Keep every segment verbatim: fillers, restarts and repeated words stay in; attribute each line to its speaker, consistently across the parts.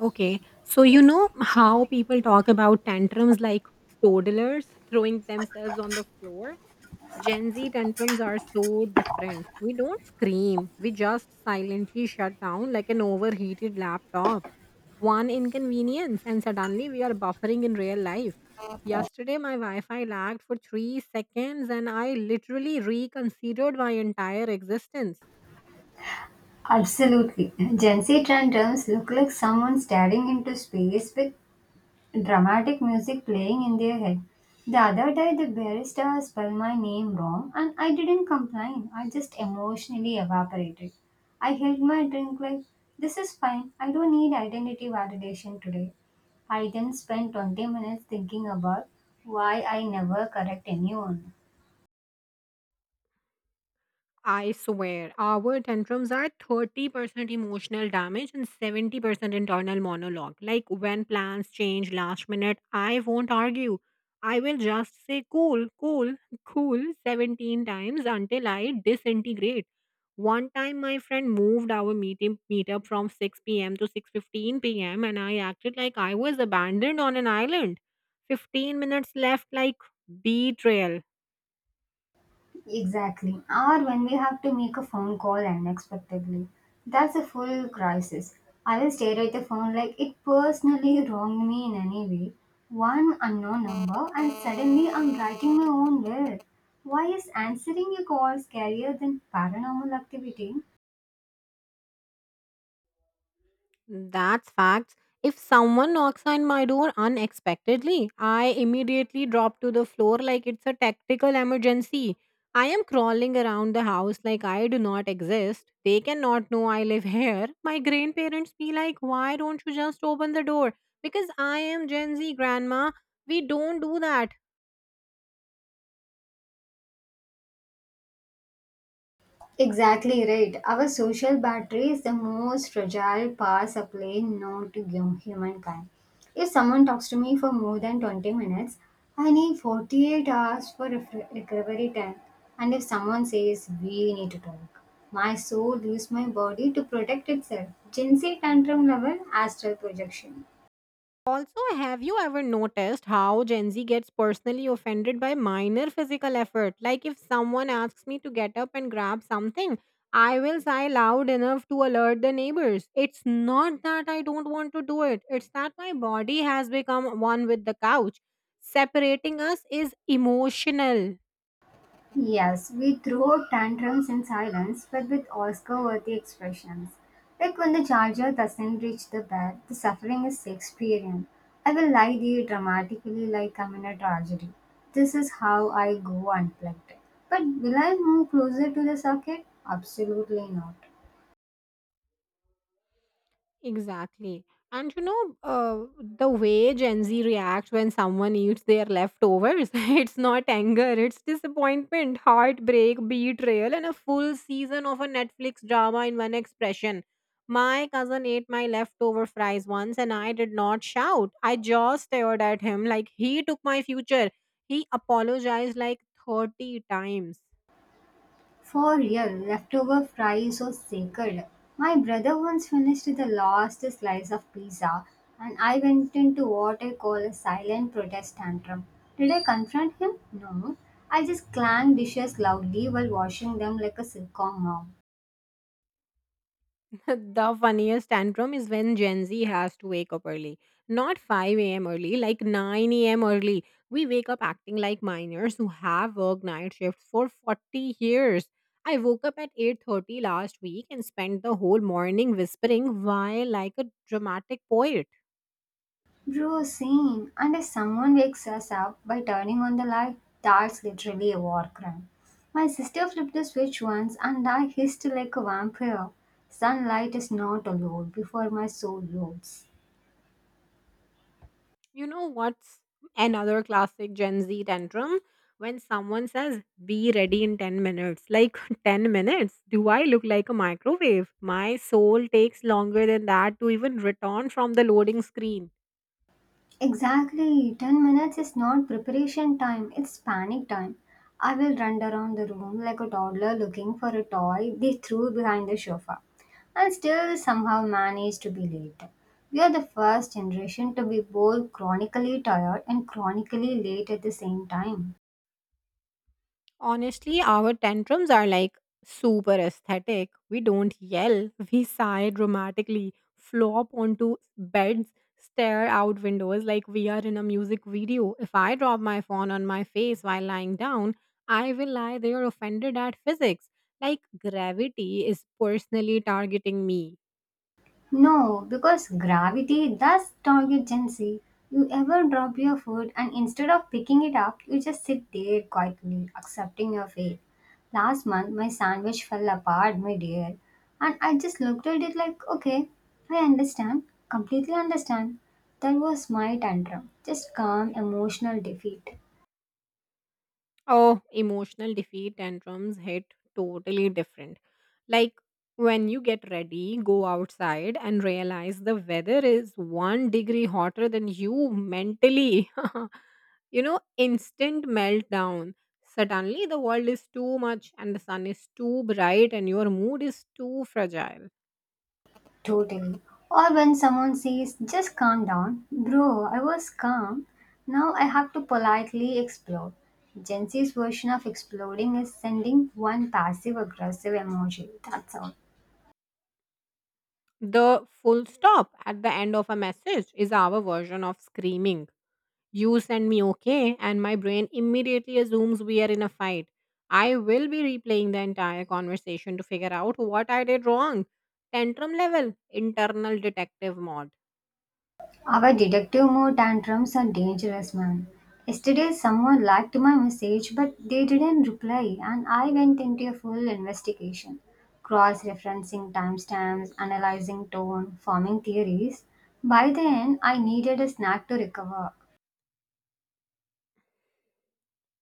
Speaker 1: Okay. So, you know how people talk about tantrums like toddlers throwing themselves on the floor? Gen Z tantrums are so different. We don't scream, we just silently shut down like an overheated laptop. One inconvenience, and suddenly we are buffering in real life. Yesterday, my Wi Fi lagged for three seconds, and I literally reconsidered my entire existence.
Speaker 2: Absolutely. Gen Z tandems look like someone staring into space with dramatic music playing in their head. The other day, the barista spelled my name wrong and I didn't complain. I just emotionally evaporated. I held my drink like, this is fine. I don't need identity validation today. I then spent twenty minutes thinking about why I never correct anyone.
Speaker 1: I swear, our tantrums are thirty percent emotional damage and seventy percent internal monologue. Like when plans change last minute, I won't argue. I will just say cool, cool, cool seventeen times until I disintegrate. One time my friend moved our meeting meetup from six p m to six fifteen p m and I acted like I was abandoned on an island. fifteen minutes left like betrayal.
Speaker 2: Exactly. Or when we have to make a phone call unexpectedly. That's a full crisis. I will stare at the phone like it personally wronged me in any way. One unknown number, and suddenly I'm writing my own will. Why is answering your call scarier than paranormal activity?
Speaker 1: That's facts. If someone knocks on my door unexpectedly, I immediately drop to the floor like it's a tactical emergency. I am crawling around the house like I do not exist. They cannot know I live here. My grandparents be like, why don't you just open the door? Because I am Gen Z grandma. We don't do that.
Speaker 2: Exactly right. Our social battery is the most fragile power supply known to hum- humankind. If someone talks to me for more than twenty minutes, I need forty-eight hours for ref- recovery time. And if someone says, "We need to talk," my soul leaves my body to protect itself. Gen Z tantrum level astral projection.
Speaker 1: Also, have you ever noticed how Gen Z gets personally offended by minor physical effort? Like, if someone asks me to get up and grab something, I will sigh loud enough to alert the neighbors. It's not that I don't want to do it, it's that my body has become one with the couch. Separating us is emotional.
Speaker 2: Yes, we throw tantrums in silence, but with Oscar worthy expressions. Like when the charger doesn't reach the bed, the suffering is Shakespearean. I will lie there dramatically like I'm in a tragedy. This is how I go unplugged. But will I move closer to the socket? Absolutely not.
Speaker 1: Exactly. And you know, uh, the way Gen Z reacts when someone eats their leftovers, it's not anger, it's disappointment, heartbreak, betrayal, and a full season of a Netflix drama in one expression. My cousin ate my leftover fries once and I did not shout. I just stared at him like he took my future. He apologized like thirty times.
Speaker 2: For real, leftover fries are sacred. My brother once finished the last slice of pizza and I went into what I call a silent protest tantrum. Did I confront him? No. I just clanged dishes loudly while washing them like a sitcom mom.
Speaker 1: The funniest tantrum is when Gen Z has to wake up early. Not five a m early, like nine a m early. We wake up acting like minors who have worked night shifts for forty years. I woke up at eight thirty last week and spent the whole morning whispering why like a dramatic poet.
Speaker 2: Bro, same. And if someone wakes us up by turning on the light, that's literally a war crime. My sister flipped the switch once and I hissed like a vampire. Sunlight is not allowed before my soul loads.
Speaker 1: You know what's another classic Gen Z tantrum? When someone says, be ready in ten minutes. Like, ten minutes? Do I look like a microwave? My soul takes longer than that to even return from the loading screen.
Speaker 2: Exactly, ten minutes is not preparation time, it's panic time. I will run around the room like a toddler looking for a toy they threw behind the sofa and still somehow manage to be late. We are the first generation to be both chronically tired and chronically late at the same time.
Speaker 1: Honestly, our tantrums are like super aesthetic. We don't yell, we sigh dramatically, flop onto beds, stare out windows like we are in a music video. If I drop my phone on my face while lying down, I will lie there offended at physics. Like gravity is personally targeting me.
Speaker 2: No, because gravity does target Gen Z. You ever drop your food and instead of picking it up, you just sit there quietly, accepting your fate. Last month, my sandwich fell apart mid-air, and I just looked at it like, okay, I understand, completely understand. That was my tantrum, just calm emotional defeat.
Speaker 1: Oh, emotional defeat tantrums hit totally different. Like when you get ready, go outside and realize the weather is one degree hotter than you mentally. You know, instant meltdown. Suddenly the world is too much and the sun is too bright and your mood is too fragile.
Speaker 2: Totally. Or when someone says, just calm down. Bro, I was calm. Now I have to politely explode. Gen Z's version of exploding is sending one passive aggressive emoji. That's all.
Speaker 1: The full stop at the end of a message is our version of screaming. You send me okay, and my brain immediately assumes we are in a fight. I will be replaying the entire conversation to figure out what I did wrong. Tantrum level, internal detective mode.
Speaker 2: Our detective mode tantrums are dangerous, man. Yesterday, someone liked my message, but they didn't reply, and I went into a full investigation. Cross referencing timestamps, analyzing tone, forming theories. By then, I needed a snack to recover.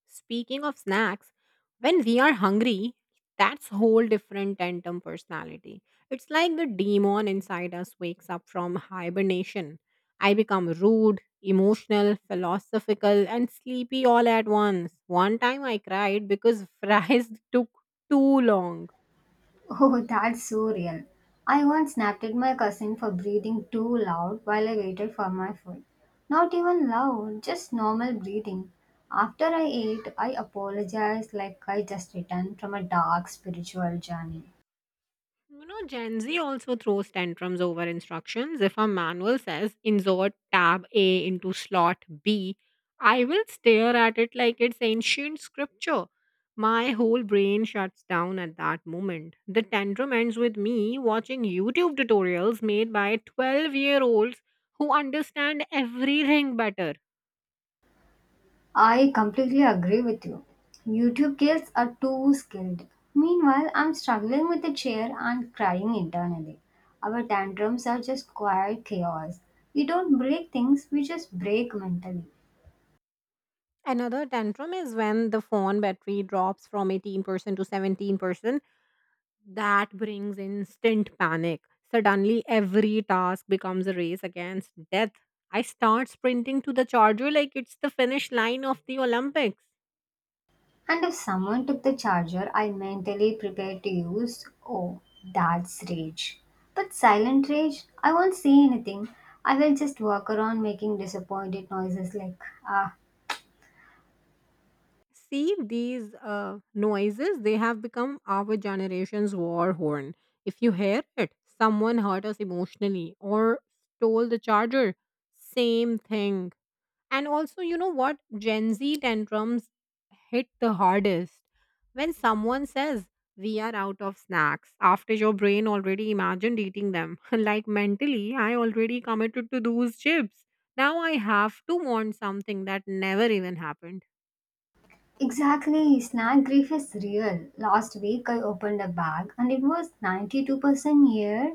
Speaker 1: Speaking of snacks, when we are hungry, that's whole different tandem personality. It's like the demon inside us wakes up from hibernation. I become rude, emotional, philosophical, and sleepy all at once. One time I cried because fries took too long.
Speaker 2: Oh, that's so real. I once snapped at my cousin for breathing too loud while I waited for my food. Not even loud, just normal breathing. After I ate, I apologized like I just returned from a dark spiritual journey.
Speaker 1: You know, Gen Z also throws tantrums over instructions. If a manual says insert tab A into slot B, I will stare at it like it's ancient scripture. My whole brain shuts down at that moment. The tantrum ends with me watching YouTube tutorials made by twelve year olds who understand everything better.
Speaker 2: I completely agree with you. YouTube kids are too skilled. Meanwhile, I'm struggling with the chair and crying internally. Our tantrums are just quiet chaos. We don't break things, we just break mentally.
Speaker 1: Another tantrum is when the phone battery drops from eighteen percent to seventeen percent. That brings instant panic. Suddenly, every task becomes a race against death. I start sprinting to the charger like it's the finish line of the Olympics.
Speaker 2: And if someone took the charger I mentally prepared to use, oh, that's rage. But silent rage, I won't say anything. I will just walk around making disappointed noises like, ah.
Speaker 1: See, these uh, noises, they have become our generation's war horn. If you hear it, someone hurt us emotionally or stole the charger. Same thing. And also, you know what? Gen Z tantrums hit the hardest when someone says, we are out of snacks, after your brain already imagined eating them. Like mentally, I already committed to those chips. Now I have to want something that never even happened.
Speaker 2: Exactly, snack grief is real. Last week I opened a bag and it was ninety-two percent air.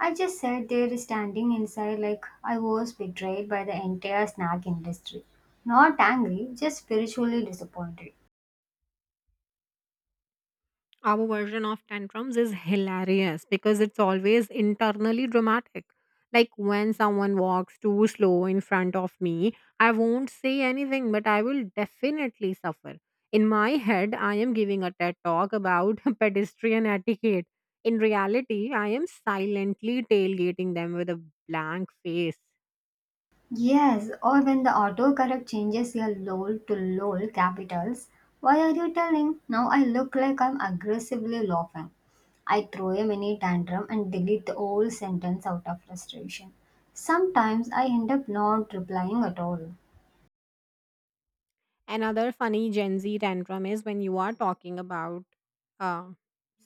Speaker 2: I just sat there standing inside like I was betrayed by the entire snack industry. Not angry, just spiritually disappointed.
Speaker 1: Our version of tantrums is hilarious because it's always internally dramatic. Like when someone walks too slow in front of me, I won't say anything, but I will definitely suffer. In my head, I am giving a TED talk about pedestrian etiquette. In reality, I am silently tailgating them with a blank face.
Speaker 2: Yes, or when the autocorrect changes your LOL to LOL capitals, why are you telling? Now I look like I'm aggressively laughing. I throw a mini tantrum and delete the whole sentence out of frustration. Sometimes I end up not replying at all.
Speaker 1: Another funny Gen Z tantrum is when you are talking about uh,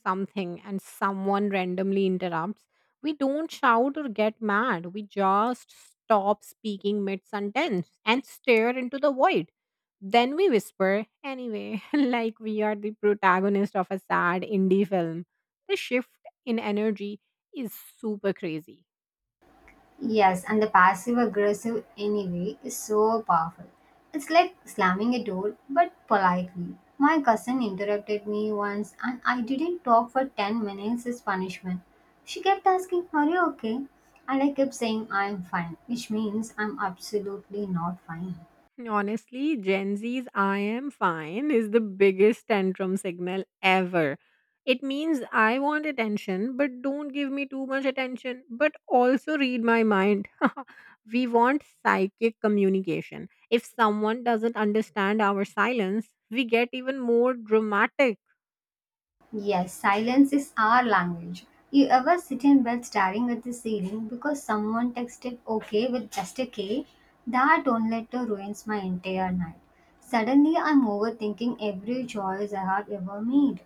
Speaker 1: something and someone randomly interrupts. We don't shout or get mad. We just stop speaking mid sentence and stare into the void. Then we whisper, anyway, like we are the protagonist of a sad indie film. The shift in energy is super crazy.
Speaker 2: Yes, and the passive aggressive anyway is so powerful. It's like slamming a door, but politely. My cousin interrupted me once and I didn't talk for ten minutes as punishment. She kept asking, "Are you okay?" And I kept saying, "I'm fine," which means I'm absolutely not fine.
Speaker 1: Honestly, Gen Z's I am fine is the biggest tantrum signal ever. It means I want attention, but don't give me too much attention, but also read my mind. We want psychic communication. If someone doesn't understand our silence, we get even more dramatic.
Speaker 2: Yes, silence is our language. You ever sit in bed staring at the ceiling because someone texted okay with just a K? That don't letter ruins my entire night. Suddenly, I'm overthinking every choice I have ever made.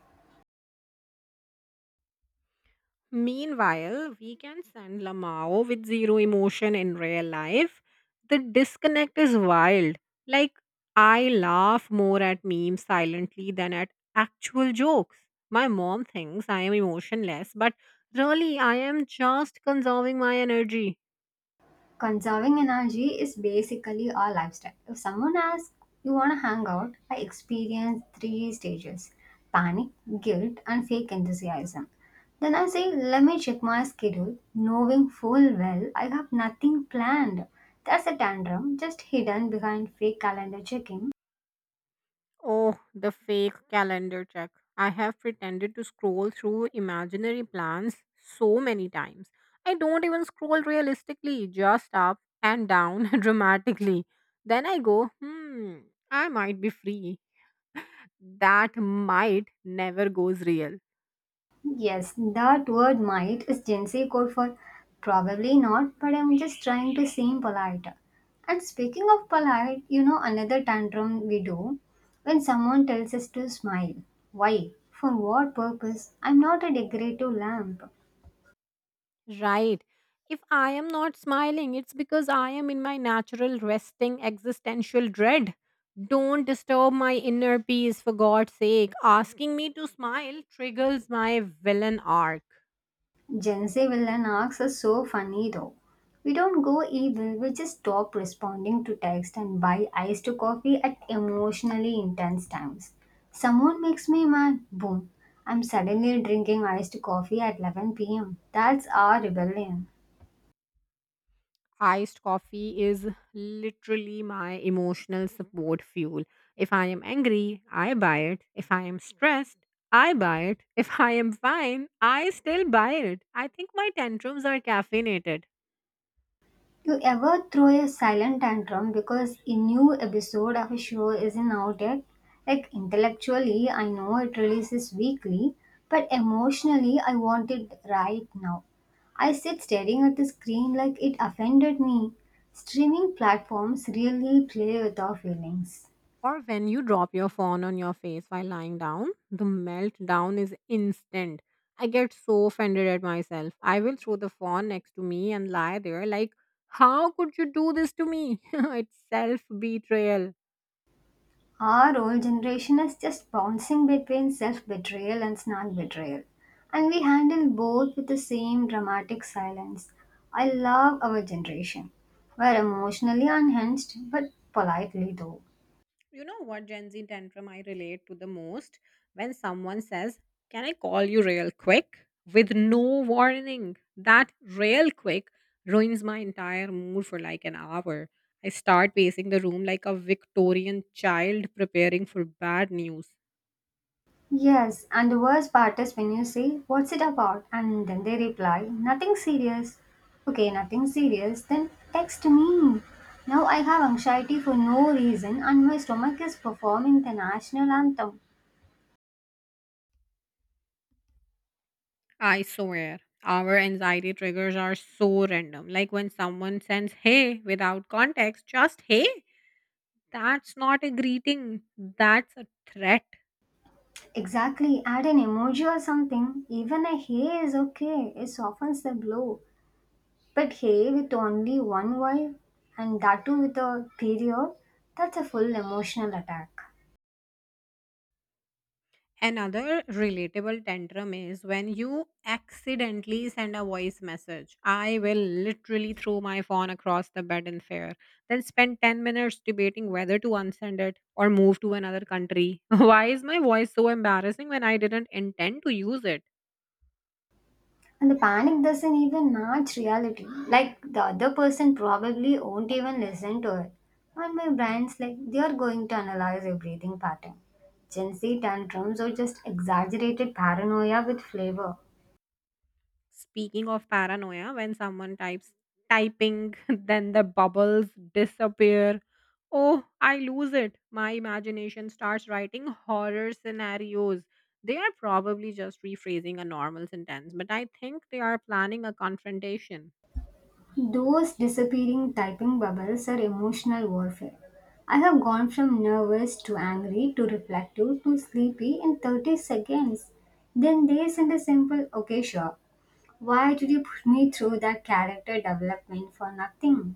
Speaker 1: Meanwhile, we can send Lamao with zero emotion in real life. The disconnect is wild. Like, I laugh more at memes silently than at actual jokes. My mom thinks I am emotionless, but really, I am just conserving my energy.
Speaker 2: Conserving energy is basically our lifestyle. If someone asks, "You want to hang out?" I experience three stages: panic, guilt, and fake enthusiasm. Then I say, "Let me check my schedule," knowing full well I have nothing planned. That's a tantrum just hidden behind fake calendar checking.
Speaker 1: Oh, the fake calendar check. I have pretended to scroll through imaginary plans so many times. I don't even scroll realistically, just up and down dramatically. Then I go, hmm, I might be free. That might never goes real.
Speaker 2: Yes, that word might is Gen Z code for probably not, but I'm just trying to seem polite. And speaking of polite, you know another tantrum we do when someone tells us to smile. Why? For what purpose? I'm not a decorative lamp.
Speaker 1: Right. If I am not smiling, it's because I am in my natural resting existential dread. Don't disturb my inner peace for God's sake. Asking me to smile triggers my villain arc.
Speaker 2: Gen Z villain arcs are so funny though. We don't go evil, we just stop responding to text and buy iced coffee at emotionally intense times. Someone makes me mad, boom. I'm suddenly drinking iced coffee at eleven p m. That's our rebellion.
Speaker 1: Iced coffee is literally my emotional support fuel. If I am angry, I buy it. If I am stressed, I buy it. If I am fine, I still buy it. I think my tantrums are caffeinated.
Speaker 2: You ever throw a silent tantrum because a new episode of a show isn't out yet? Like intellectually, I know it releases weekly, but emotionally, I want it right now. I sit staring at the screen like it offended me. Streaming platforms really play with our feelings.
Speaker 1: Or when you drop your phone on your face while lying down, the meltdown is instant. I get so offended at myself. I will throw the phone next to me and lie there like, how could you do this to me? It's self betrayal.
Speaker 2: Our old generation is just bouncing between self betrayal and snark betrayal, and we handle both with the same dramatic silence. I love our generation. We're emotionally unhinged, but politely though.
Speaker 1: You know what Gen Z tantrum I relate to the most? When someone says, can I call you real quick? With no warning. That real quick ruins my entire mood for like an hour. I start pacing the room like a Victorian child preparing for bad news.
Speaker 2: Yes, and the worst part is when you say, "What's it about?" and then they reply, "Nothing serious." Okay, nothing serious, then text me. Now I have anxiety for no reason, and my stomach is performing the national anthem.
Speaker 1: I swear, our anxiety triggers are so random. Like when someone sends hey without context, just hey. That's not a greeting, that's a threat.
Speaker 2: Exactly, add an emoji or something. Even a hey is okay, it softens the blow. But hey with only one Y and that too with a period, that's a full emotional attack.
Speaker 1: Another relatable tantrum is when you accidentally send a voice message. I will literally throw my phone across the bed in fear, then spend ten minutes debating whether to unsend it or move to another country. Why is my voice so embarrassing when I didn't intend to use it?
Speaker 2: And the panic doesn't even match reality. Like the other person probably won't even listen to it. And my brain's like, they are going to analyze your breathing pattern. Gen Z tantrums are just exaggerated paranoia with flavor.
Speaker 1: Speaking of paranoia, when someone types typing, then the bubbles disappear. Oh, I lose it. My imagination starts writing horror scenarios. They are probably just rephrasing a normal sentence, but I think they are planning a confrontation.
Speaker 2: Those disappearing typing bubbles are emotional warfare. I have gone from nervous to angry to reflective to sleepy in thirty seconds. Then they send a simple, okay, sure. Why did you put me through that character development for nothing?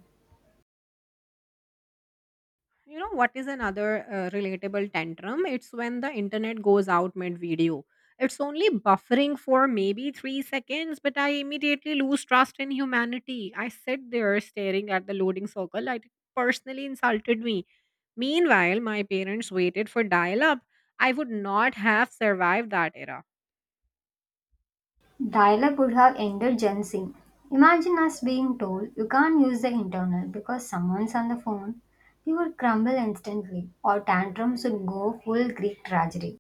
Speaker 1: You know what is another uh, relatable tantrum? It's when the internet goes out mid video. It's only buffering for maybe three seconds, but I immediately lose trust in humanity. I sit there staring at the loading circle. It personally insulted me. Meanwhile, my parents waited for dial up. I would not have survived that era.
Speaker 2: Dial up would have ended Gen Z. Imagine us being told you can't use the internet because someone's on the phone. We would crumble instantly, or tantrums would go full Greek tragedy.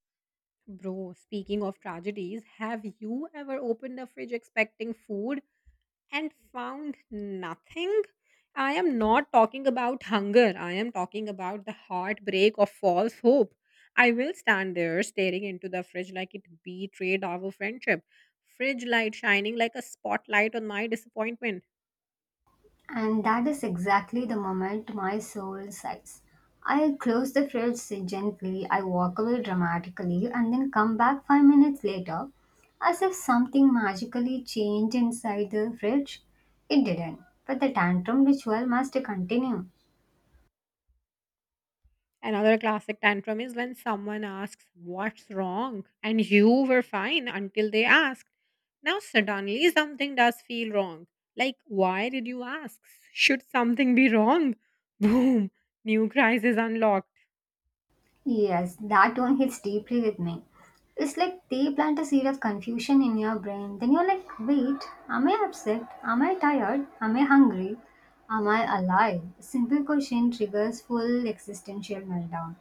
Speaker 1: Bro, speaking of tragedies, have you ever opened the fridge expecting food and found nothing? I am not talking about hunger. I am talking about the heartbreak of false hope. I will stand there staring into the fridge like it betrayed our friendship. Fridge light shining like a spotlight on my disappointment.
Speaker 2: And that is exactly the moment my soul sighs. I close the fridge gently, I walk away dramatically, and then come back five minutes later as if something magically changed inside the fridge. It didn't, but the tantrum ritual must continue.
Speaker 1: Another classic tantrum is when someone asks, what's wrong? And you were fine until they asked. Now, suddenly, something does feel wrong. Like, why did you ask? Should something be wrong? Boom, new crisis unlocked.
Speaker 2: Yes, that one hits deeply with me. It's like they plant a seed of confusion in your brain. Then you're like, wait, am I upset? Am I tired? Am I hungry? Am I alive? Simple question triggers full existential meltdown.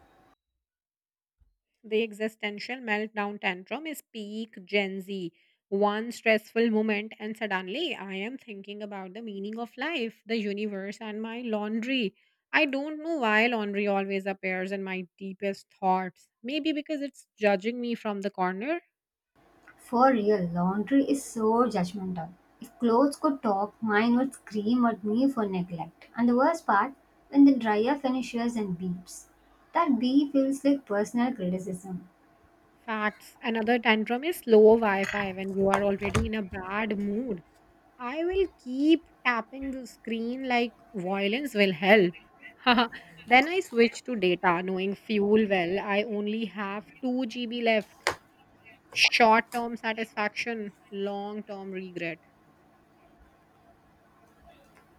Speaker 1: The existential meltdown tantrum is peak Gen Z. One stressful moment, and suddenly I am thinking about the meaning of life, the universe, and my laundry. I don't know why laundry always appears in my deepest thoughts. Maybe because it's judging me from the corner.
Speaker 2: For real, laundry is so judgmental. If clothes could talk, mine would scream at me for neglect. And the worst part, when the dryer finishes and beeps, that bee feels like personal criticism.
Speaker 1: Facts. Another tantrum is slow Wi Fi when you are already in a bad mood. I will keep tapping the screen like violence will help. Then I switch to data, knowing fuel well. I only have two gigabytes left. Short term satisfaction, long term regret.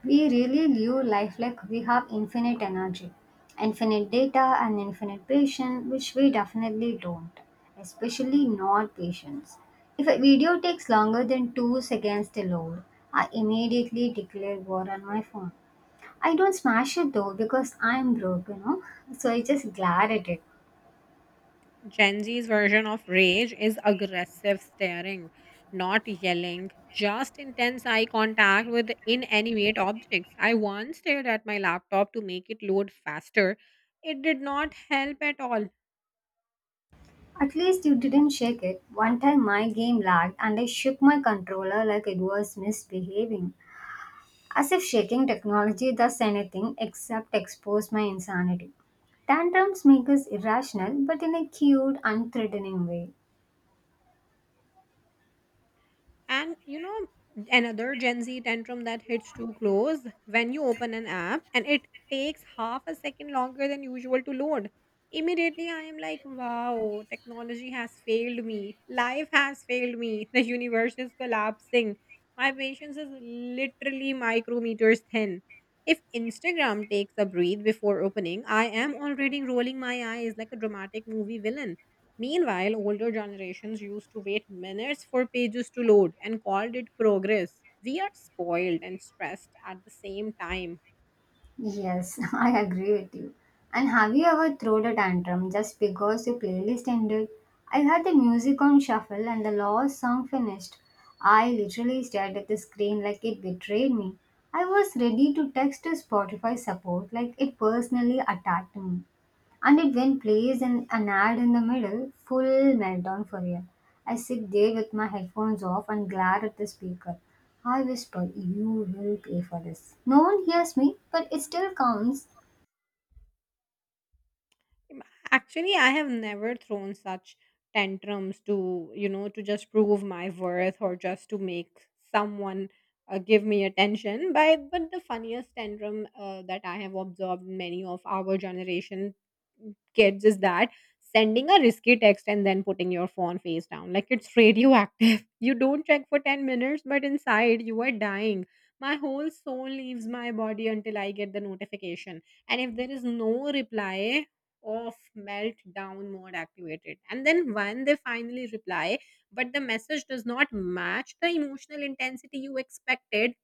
Speaker 2: We really live life like we have infinite energy, infinite data, and infinite patience, which we definitely don't, especially not patience. If a video takes longer than two seconds to load, I immediately declare war on my phone. I don't smash it though because I'm broke, you know, so I just glare at it.
Speaker 1: Gen Z's version of rage is aggressive staring, not yelling, just intense eye contact with inanimate objects. I once stared at my laptop to make it load faster. It did not help at all.
Speaker 2: At least you didn't shake it. One time my game lagged and I shook my controller like it was misbehaving. As if shaking technology does anything except expose my insanity. Tantrums make us irrational, but in a cute, unthreatening way.
Speaker 1: And you know, another Gen Z tantrum that hits too close when you open an app and it takes half a second longer than usual to load. Immediately, I am like, wow, technology has failed me. Life has failed me. The universe is collapsing. My patience is literally micrometers thin. If Instagram takes a breath before opening, I am already rolling my eyes like a dramatic movie villain. Meanwhile, older generations used to wait minutes for pages to load and called it progress. We are spoiled and stressed at the same time.
Speaker 2: Yes, I agree with you. And have you ever thrown a tantrum just because your playlist ended? I had the music on shuffle and the last song finished. I literally stared at the screen like it betrayed me. I was ready to text to Spotify support like it personally attacked me. And it then plays an, an ad in the middle, full meltdown for real. I sit there with my headphones off and glare at the speaker. I whisper, "You will pay for this." No one hears me, but it still counts.
Speaker 1: Actually, I have never thrown such tantrums to, you know, to just prove my worth or just to make someone uh, give me attention. But, but the funniest tantrum uh, that I have observed in many of our generation mm, kids is that sending a risky text and then putting your phone face down like it's radioactive. You don't check for ten minutes, but inside you are dying. My whole soul leaves my body until I get the notification. And if there is no reply, off, melt down mode activated. And then when they finally reply, but the message does not match the emotional intensity you expected,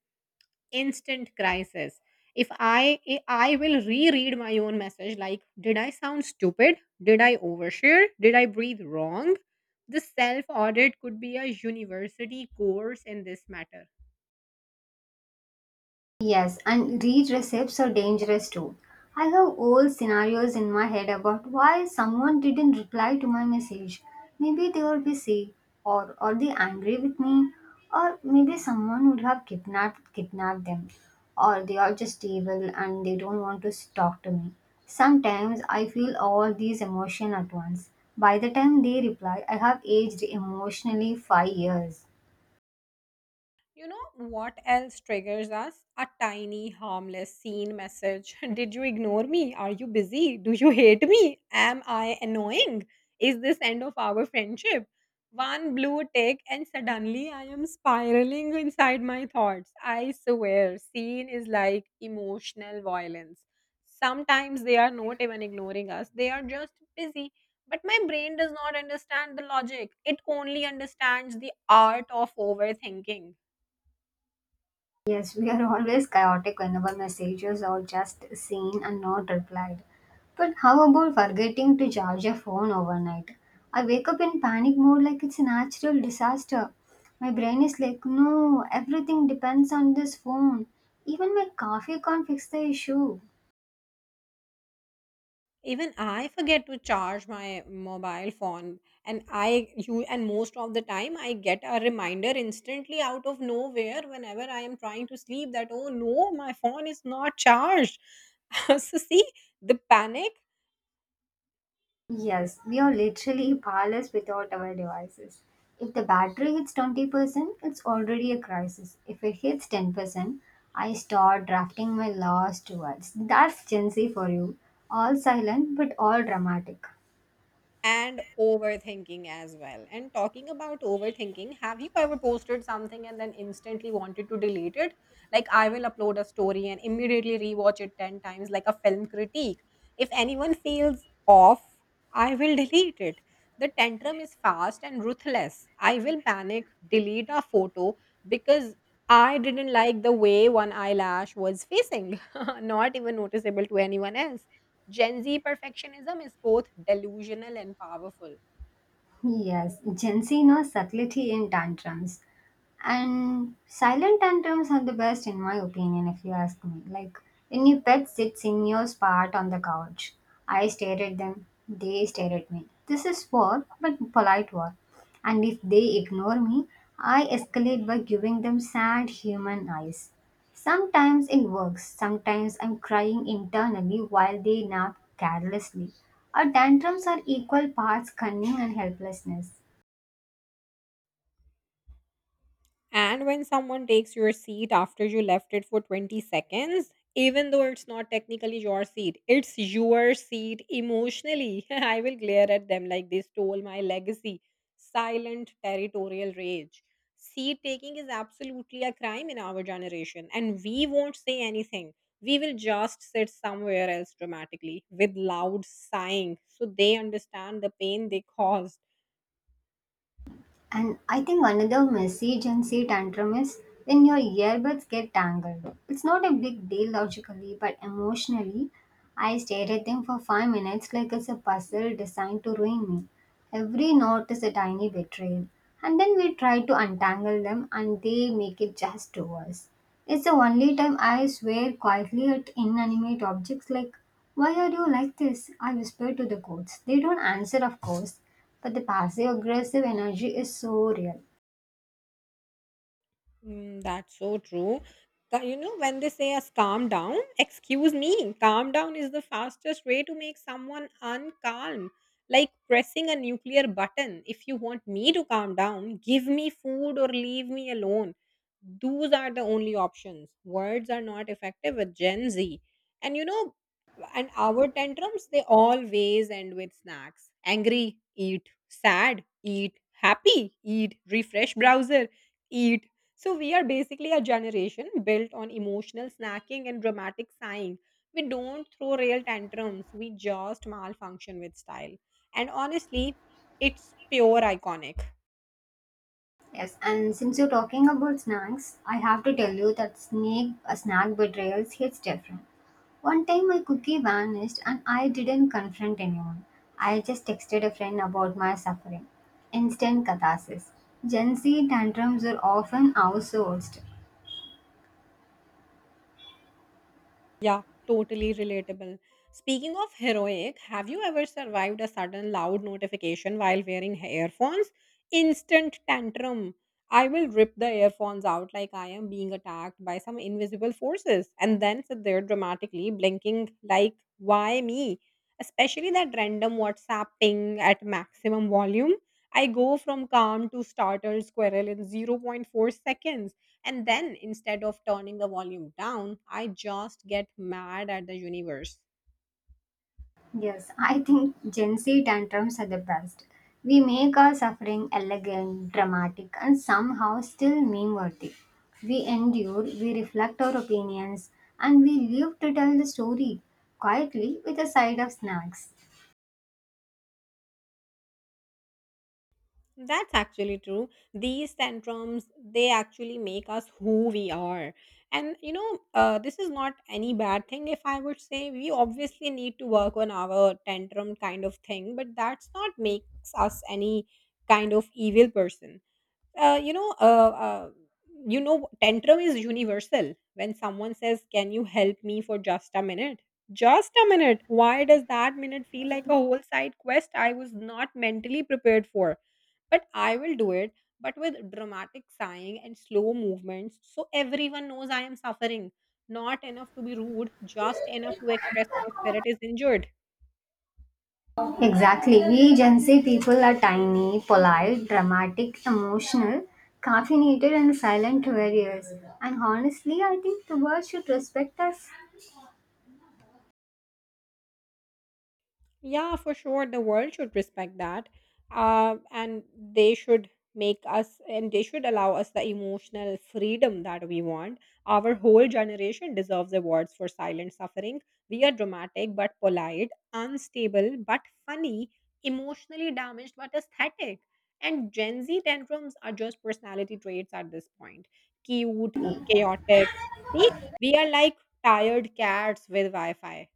Speaker 1: instant crisis. If I I will reread my own message like, did I sound stupid? Did I overshare? Did I breathe wrong? The self audit could be a university course in this matter.
Speaker 2: Yes, and read recipes are dangerous too. I have old scenarios in my head about why someone didn't reply to my message. Maybe they were busy, or are they angry with me, or maybe someone would have kidnapped kidnapped them, or they are just evil and they don't want to s- talk to me. Sometimes I feel all these emotions at once. By the time they reply, I have aged emotionally five years.
Speaker 1: You know what else triggers us? A tiny, harmless, seen message. Did you ignore me? Are you busy? Do you hate me? Am I annoying? Is this end of our friendship? One blue tick, and suddenly I am spiraling inside my thoughts. I swear, seen is like emotional violence. Sometimes they are not even ignoring us, they are just busy. But my brain does not understand the logic, it only understands the art of overthinking.
Speaker 2: Yes, we are always chaotic whenever messages are just seen and not replied. But how about forgetting to charge your phone overnight? I wake up in panic mode like it's a natural disaster. My brain is like, no, everything depends on this phone. Even my coffee can't fix the issue.
Speaker 1: Even I forget to charge my mobile phone, and I you and most of the time I get a reminder instantly out of nowhere whenever I am trying to sleep, that oh no, my phone is not charged. So see the panic
Speaker 2: Yes, we are literally powerless without our devices. If the battery hits twenty percent, it's already a crisis. If it hits ten percent, I start drafting my last words. That's Gen Z for you. All silent but all dramatic.
Speaker 1: and overthinking as well. And talking about overthinking, have you ever posted something and then instantly wanted to delete it? Like, I will upload a story and immediately rewatch it ten times, like a film critique. If anyone feels off, I will delete it. The tantrum is fast and ruthless. I will panic, delete a photo because I didn't like the way one eyelash was facing, not even noticeable to anyone else. Gen Z perfectionism is both delusional and powerful.
Speaker 2: Yes, Gen Z knows subtlety in tantrums. And silent tantrums are the best, in my opinion, if you ask me. Like when your pet sits in your spot on the couch, I stare at them, they stare at me. This is war, but polite war. And if they ignore me, I escalate by giving them sad human eyes. Sometimes it works, sometimes I'm crying internally while they nap carelessly. Our tantrums are equal parts cunning and helplessness.
Speaker 1: And when someone takes your seat after you left it for twenty seconds, even though it's not technically your seat, it's your seat emotionally. I will glare at them like they stole my legacy. Silent territorial rage. Seat taking is absolutely a crime in our generation, and we won't say anything. We will just sit somewhere else dramatically with loud sighing so they understand the pain they caused.
Speaker 2: And I think another messy Gen Z tantrum is when your earbuds get tangled. It's not a big deal logically, but emotionally, I stared at them for five minutes like it's a puzzle designed to ruin me. Every knot is a tiny betrayal. And then we try to untangle them and they make it just worse. It's the only time I swear quietly at inanimate objects like, "Why are you like this?" I whisper to the goats. They don't answer, of course, but the passive aggressive energy is so real.
Speaker 1: Mm, that's so true. Ca- You know, when they say us calm down, excuse me, calm down is the fastest way to make someone uncalm. Like pressing a nuclear button. If you want me to calm down, give me food or leave me alone. Those are the only options. Words are not effective with Gen Z. And you know, and our tantrums, they always end with snacks. Angry, eat. Sad, eat. Happy, eat. Refresh browser, eat. So we are basically a generation built on emotional snacking and dramatic sighing. We don't throw real tantrums, we just malfunction with style. And honestly, it's pure iconic.
Speaker 2: Yes, and since you're talking about snacks, I have to tell you that snake a snack betrayals hits different. One time my cookie vanished and I didn't confront anyone. I just texted a friend about my suffering. Instant catharsis. Gen Z tantrums are often outsourced.
Speaker 1: Yeah, totally relatable. Speaking of heroic, have you ever survived a sudden loud notification while wearing earphones? Instant tantrum. I will rip the earphones out like I am being attacked by some invisible forces and then sit there dramatically blinking like, why me? Especially that random WhatsApp ping at maximum volume. I go from calm to startled squirrel in zero point zero point four seconds, and then instead of turning the volume down, I just get mad at the universe.
Speaker 2: Yes, I think Gen Z tantrums are the best. We make our suffering elegant, dramatic, and somehow still meme worthy. We endure, we reflect our opinions, and we live to tell the story quietly with a side of snacks.
Speaker 1: That's actually true. These tantrums, they actually make us who we are. And you know, uh, this is not any bad thing. If I would say, we obviously need to work on our tantrum kind of thing, but that's not makes us any kind of evil person. uh, you know, uh, uh, you know, tantrum is universal. When someone says, "Can you help me for just a minute?" Just a minute. Why does that minute feel like a whole side quest I was not mentally prepared for? But I will do it. But with dramatic sighing and slow movements, so everyone knows I am suffering. Not enough to be rude, just enough to express my spirit is injured.
Speaker 2: Exactly, we Gen Z people are tiny, polite, dramatic, emotional, caffeinated, and silent warriors. And honestly, I think the world should respect us.
Speaker 1: Yeah, for sure. The world should respect that. Uh, and they should make us and they should allow us the emotional freedom that we want. Our whole generation deserves awards for silent suffering. We are dramatic but polite, unstable but funny, emotionally damaged but aesthetic. And Gen Z tantrums are just personality traits at this point. Cute, chaotic. See, we are like tired cats with Wi Fi.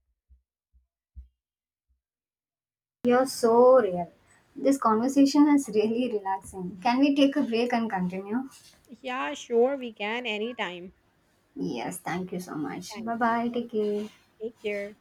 Speaker 2: You're so real. This conversation is really relaxing. Can we take a break and continue?
Speaker 1: Yeah, sure, we can anytime.
Speaker 2: Yes, thank you so much.
Speaker 1: Thank
Speaker 2: Bye
Speaker 1: you.
Speaker 2: bye. Take care.
Speaker 1: Take care.